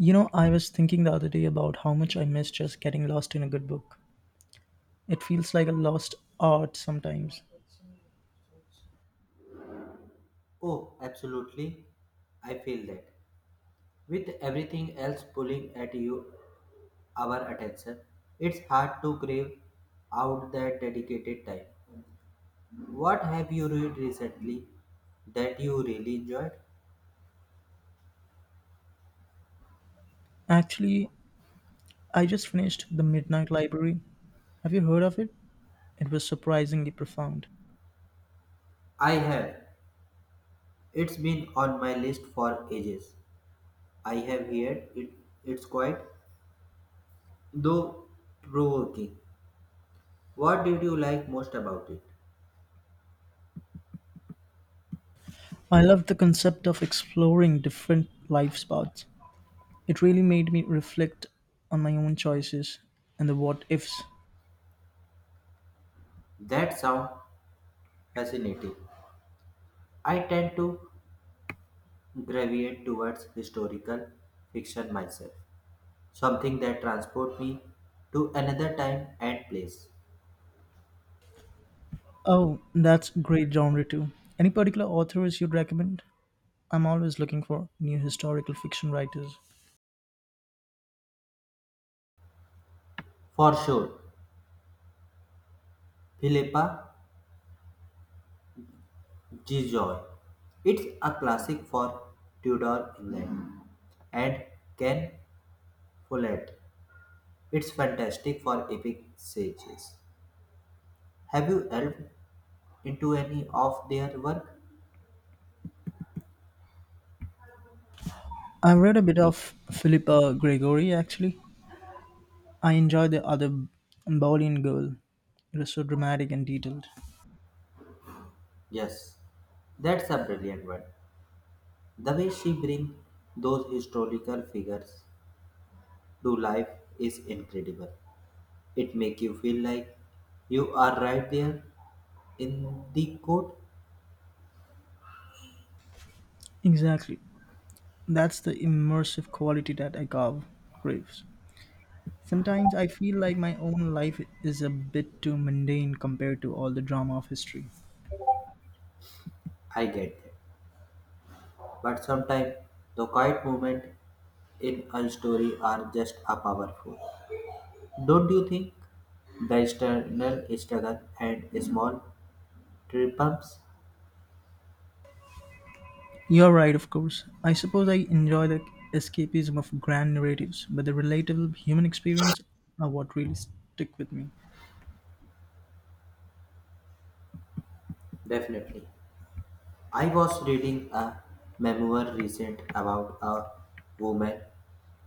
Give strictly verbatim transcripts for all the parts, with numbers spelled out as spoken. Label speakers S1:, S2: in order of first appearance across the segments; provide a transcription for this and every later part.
S1: You know, I was thinking the other day about how much I miss just getting lost in a good book. It feels like a lost art sometimes.
S2: Oh, absolutely. I feel that. With everything else pulling at you, our attention, it's hard to crave out that dedicated time. What have you read recently that you really enjoyed?
S1: Actually, I just finished The Midnight Library. Have you heard of it? It was surprisingly profound.
S2: I have. It's been on my list for ages. I have heard it. It's quite, though provoking. What did you like most about it?
S1: I loved the concept of exploring different life paths. It really made me reflect on my own choices and the what ifs.
S2: That sounds fascinating. I tend to gravitate towards historical fiction myself, something that transports me to another time and place.
S1: Oh, that's great genre too. Any particular authors you'd recommend? I'm always looking for new historical fiction writers.
S2: For sure, Philippa G. It's a classic for Tudor England and Ken Follett. It's fantastic for epic sages. Have you delved into any of their work?
S1: I've read a bit of Philippa Gregory actually. I enjoy the other Bowling girl. It was so dramatic and detailed.
S2: Yes, that's a brilliant one. The way she brings those historical figures to life is incredible. It make you feel like you are right there in the code.
S1: Exactly. That's the immersive quality that I carve craves. Sometimes I feel like my own life is a bit too mundane compared to all the drama of history.
S2: I get that. But sometimes the quiet moment in a story are just a powerful. Don't you think? The external struggle and small triumphs.
S1: You're right, of course. I suppose I enjoy the escapism of grand narratives, but the relatable human experience are what really stick with me.
S2: Definitely. I was reading a memoir recent about a woman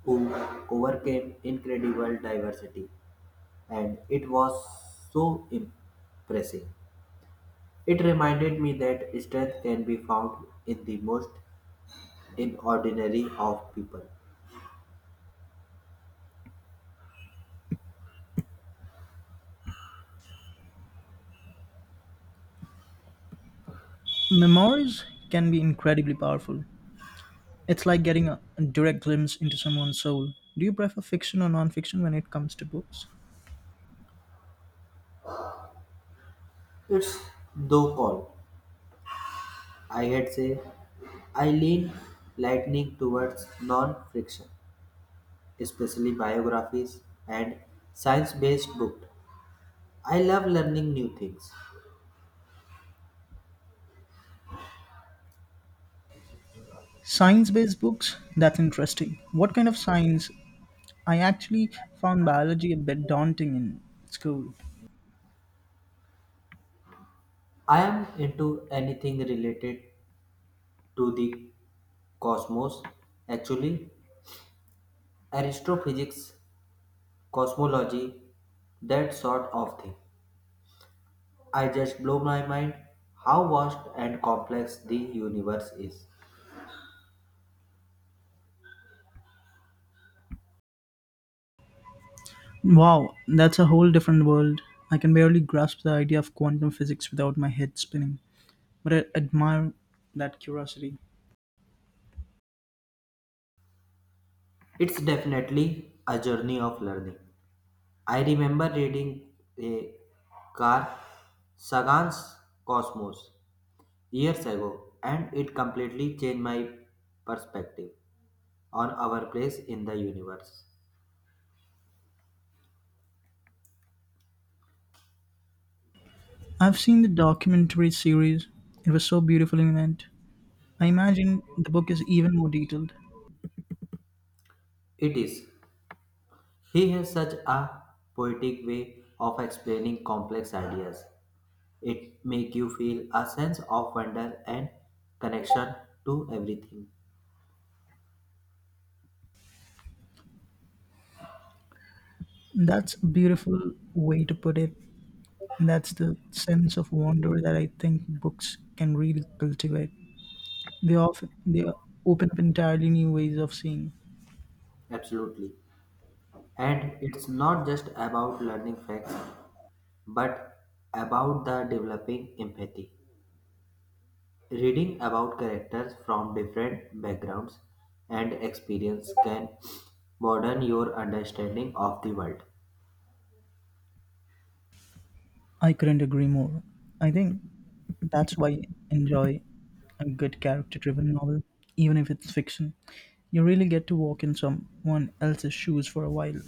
S2: who overcame incredible diversity, and it was so impressive. It reminded me that strength can be found in the most inordinary of people.
S1: Memoirs can be incredibly powerful. It's like getting a a direct glimpse into someone's soul. Do you prefer fiction or non-fiction when it comes to books?
S2: It's though called, I had say, I lean lightning towards non-friction, especially biographies and science-based books. I love learning new things.
S1: Science-based books? That's interesting. What kind of science? I actually found biology a bit daunting in school.
S2: I am into anything related to the cosmos. Actually, astrophysics cosmology, that sort of thing. I just blow my mind how vast and complex the universe is.
S1: Wow, that's a whole different world. I can barely grasp the idea of quantum physics without my head spinning, but I admire that curiosity.
S2: It's definitely a journey of learning. I remember reading a Carl Sagan's Cosmos years ago, and it completely changed my perspective on our place in the universe.
S1: I've seen the documentary series. It was so beautifully meant. I imagine the book is even more detailed.
S2: It is. He has such a poetic way of explaining complex ideas. It make you feel a sense of wonder and connection to everything.
S1: That's a beautiful way to put it. That's the sense of wonder that I think books can really cultivate. They often they open up entirely new ways of seeing.
S2: Absolutely. And it's not just about learning facts, but about the developing empathy. Reading about characters from different backgrounds and experience can broaden your understanding of the world.
S1: I couldn't agree more. I think that's why I enjoy a good character-driven novel, even if it's fiction. You really get to walk in someone else's shoes for a while.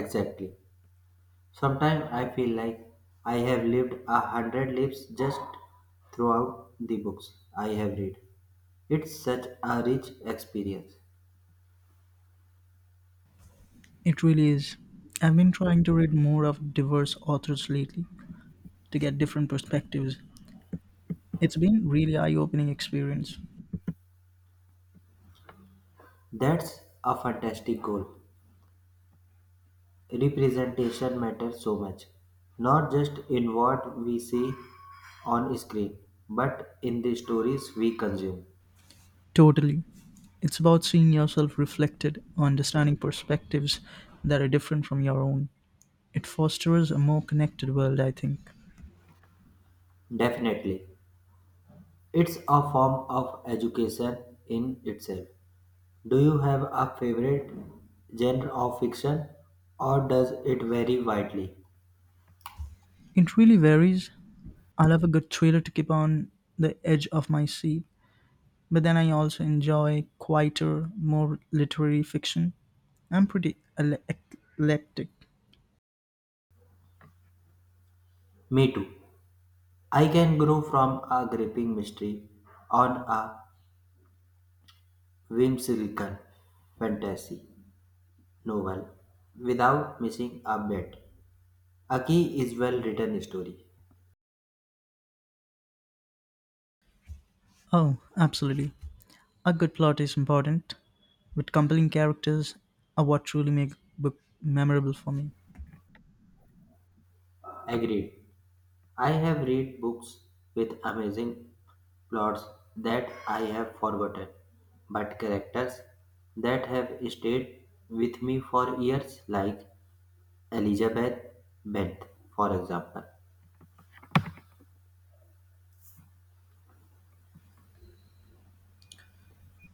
S2: Exactly. Sometimes I feel like I have lived a hundred lives just throughout the books I have read. It's such a rich experience.
S1: It really is. I've been trying to read more of diverse authors lately to get different perspectives. It's been really eye-opening experience.
S2: That's a fantastic goal. Representation matters so much, not just in what we see on screen, but in the stories we consume.
S1: Totally. It's about seeing yourself reflected, understanding perspectives that are different from your own. It fosters a more connected world, I think.
S2: Definitely. It's a form of education in itself. Do you have a favorite genre of fiction, or does it vary widely?
S1: It really varies. I love a good thriller to keep on the edge of my seat, but then I also enjoy quieter, more literary fiction. I'm pretty ele- eclectic.
S2: Me too. I can grow from a gripping mystery on a whimsical fantasy novel without missing a bit. A key is well written story.
S1: Oh, absolutely. A good plot is important. With compelling characters are what truly make a book memorable for me.
S2: Agreed. I have read books with amazing plots that I have forgotten, but characters that have stayed with me for years, like Elizabeth Bent, for example.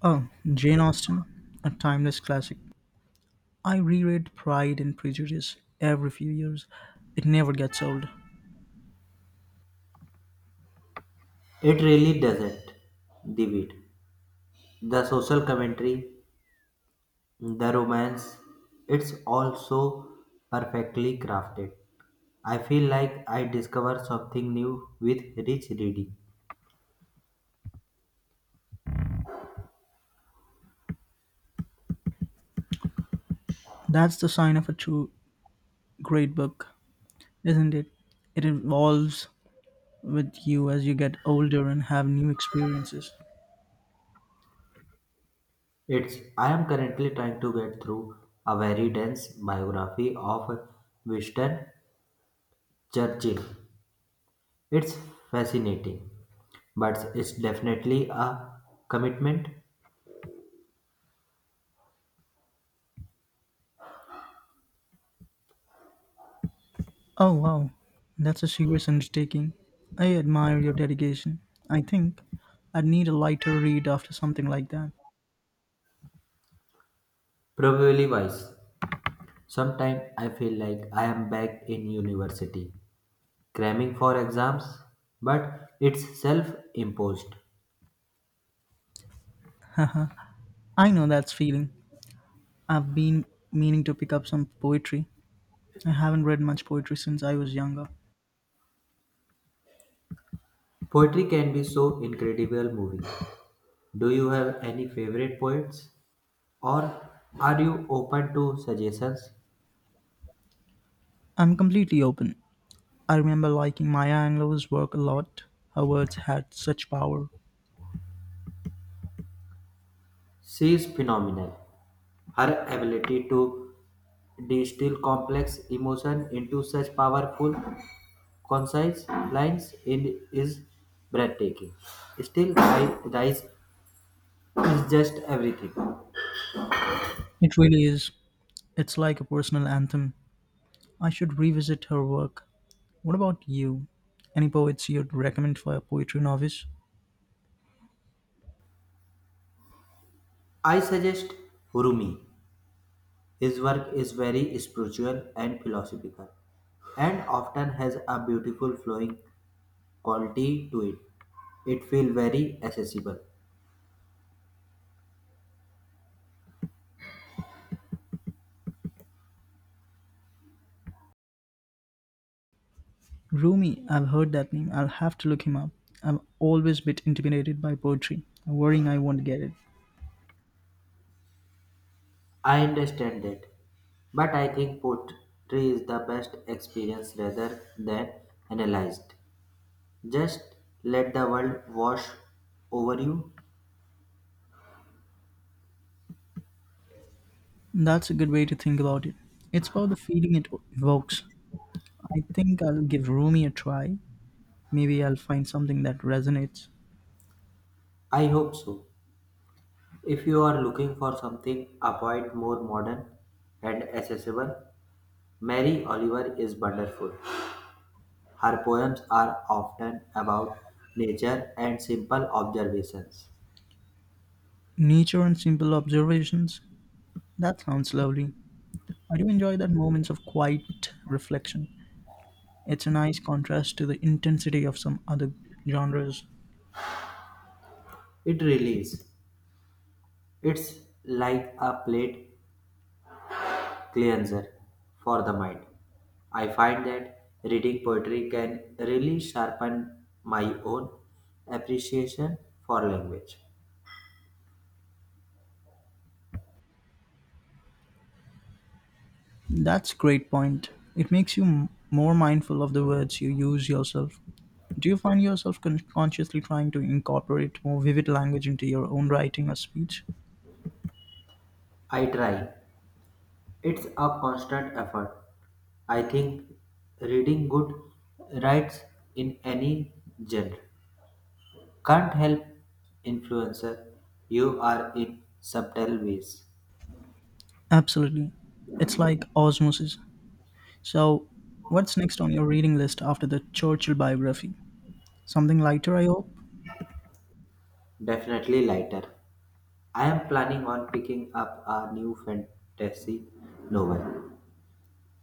S1: Oh, Jane Austen, a timeless classic. I reread Pride and Prejudice every few years. It never gets old.
S2: It really doesn't divide. The social commentary, the romance, it's also perfectly crafted. I feel like I discover something new with each reading.
S1: That's the sign of a true great book, isn't it? It evolves with you as you get older and have new experiences.
S2: It's I am currently trying to get through a very dense biography of Winston Churchill. It's fascinating, but it's definitely a commitment,
S1: Oh, wow. That's a serious undertaking. I admire your dedication. I think I'd need a lighter read after something like that.
S2: probably wise. Sometimes I feel like I am back in university, cramming for exams, but it's self imposed.
S1: Haha. I know that's feeling. I've been meaning to pick up some poetry. I haven't read much poetry since I was younger.
S2: Poetry can be so incredible moving. Do you have any favorite poets, or are you open to suggestions?
S1: I'm completely open. I remember liking Maya Angelou's work a lot. Her words had such power.
S2: She is phenomenal. Her ability to distill complex emotion into such powerful, concise lines in- is breathtaking. Still, I Rice is just everything.
S1: It really is. It's like a personal anthem. I should revisit her work. What about you? Any poets you'd recommend for a poetry novice?
S2: I suggest Hurumi. His work is very spiritual and philosophical, and often has a beautiful flowing quality to it. It feels very accessible.
S1: Rumi, I've heard that name. I'll have to look him up. I'm always a bit intimidated by poetry, worrying I won't get it.
S2: I understand that, but I think poetry is the best experience rather than analyzed. Just let the world wash over you.
S1: That's a good way to think about it. It's about the feeling it evokes. I think I'll give Rumi a try. Maybe I'll find something that resonates.
S2: I hope so. If you are looking for something a bit more modern and accessible, Mary Oliver is wonderful. Her poems are often about nature and simple observations.
S1: Nature and simple observations. That sounds lovely. I do enjoy that moments of quiet reflection. It's a nice contrast to the intensity of some other genres.
S2: It really is. It's like a plate cleanser for the mind. I find that reading poetry can really sharpen my own appreciation for language.
S1: That's great point. It makes you m- more mindful of the words you use yourself. Do you find yourself con- consciously trying to incorporate more vivid language into your own writing or speech?
S2: I try. It's a constant effort. I think reading good writes in any genre can't help influencer. You are in subtle ways.
S1: Absolutely. It's like osmosis. So, what's next on your reading list after the Churchill biography? Something lighter, I hope?
S2: Definitely lighter. I am planning on picking up a new fantasy novel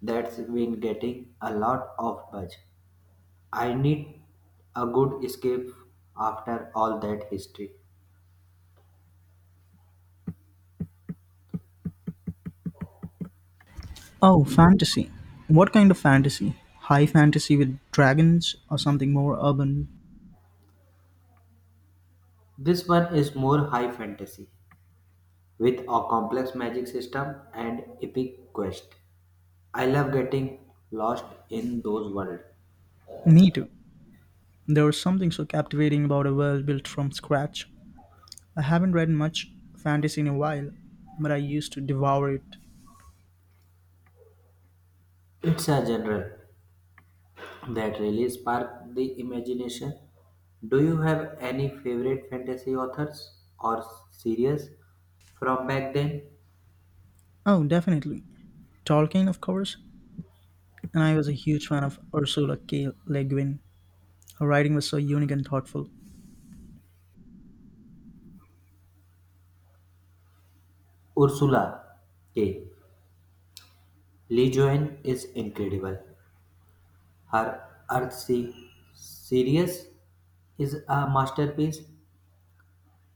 S2: that's been getting a lot of buzz. I need a good escape after all that history.
S1: Oh, fantasy. What kind of fantasy? High fantasy with dragons or something more urban?
S2: This one is more high fantasy with a complex magic system and epic quest. I love getting lost in those worlds.
S1: Me too. There was something so captivating about a world built from scratch. I haven't read much fantasy in a while, but I used to devour it.
S2: It's a genre that really sparks the imagination. Do you have any favorite fantasy authors or series from back then?
S1: Oh, definitely. Tolkien, of course, and I was a huge fan of Ursula K. Le Guin. Her writing was so unique and thoughtful.
S2: Ursula K. Lejeune is incredible; her "Earthsea" series is a masterpiece;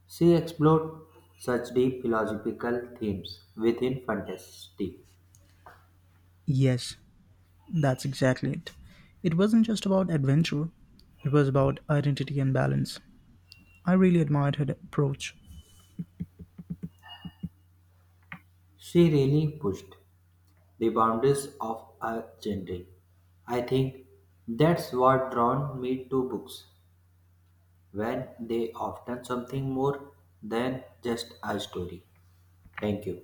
S2: she explored such deep philosophical themes within fantasy.
S1: Yes, that's exactly it. It wasn't just about adventure, it was about identity and balance. I really admired her approach.
S2: She really pushed the boundaries of her genre. I think that's what drawn me to books when they often something more than just a story. Thank you.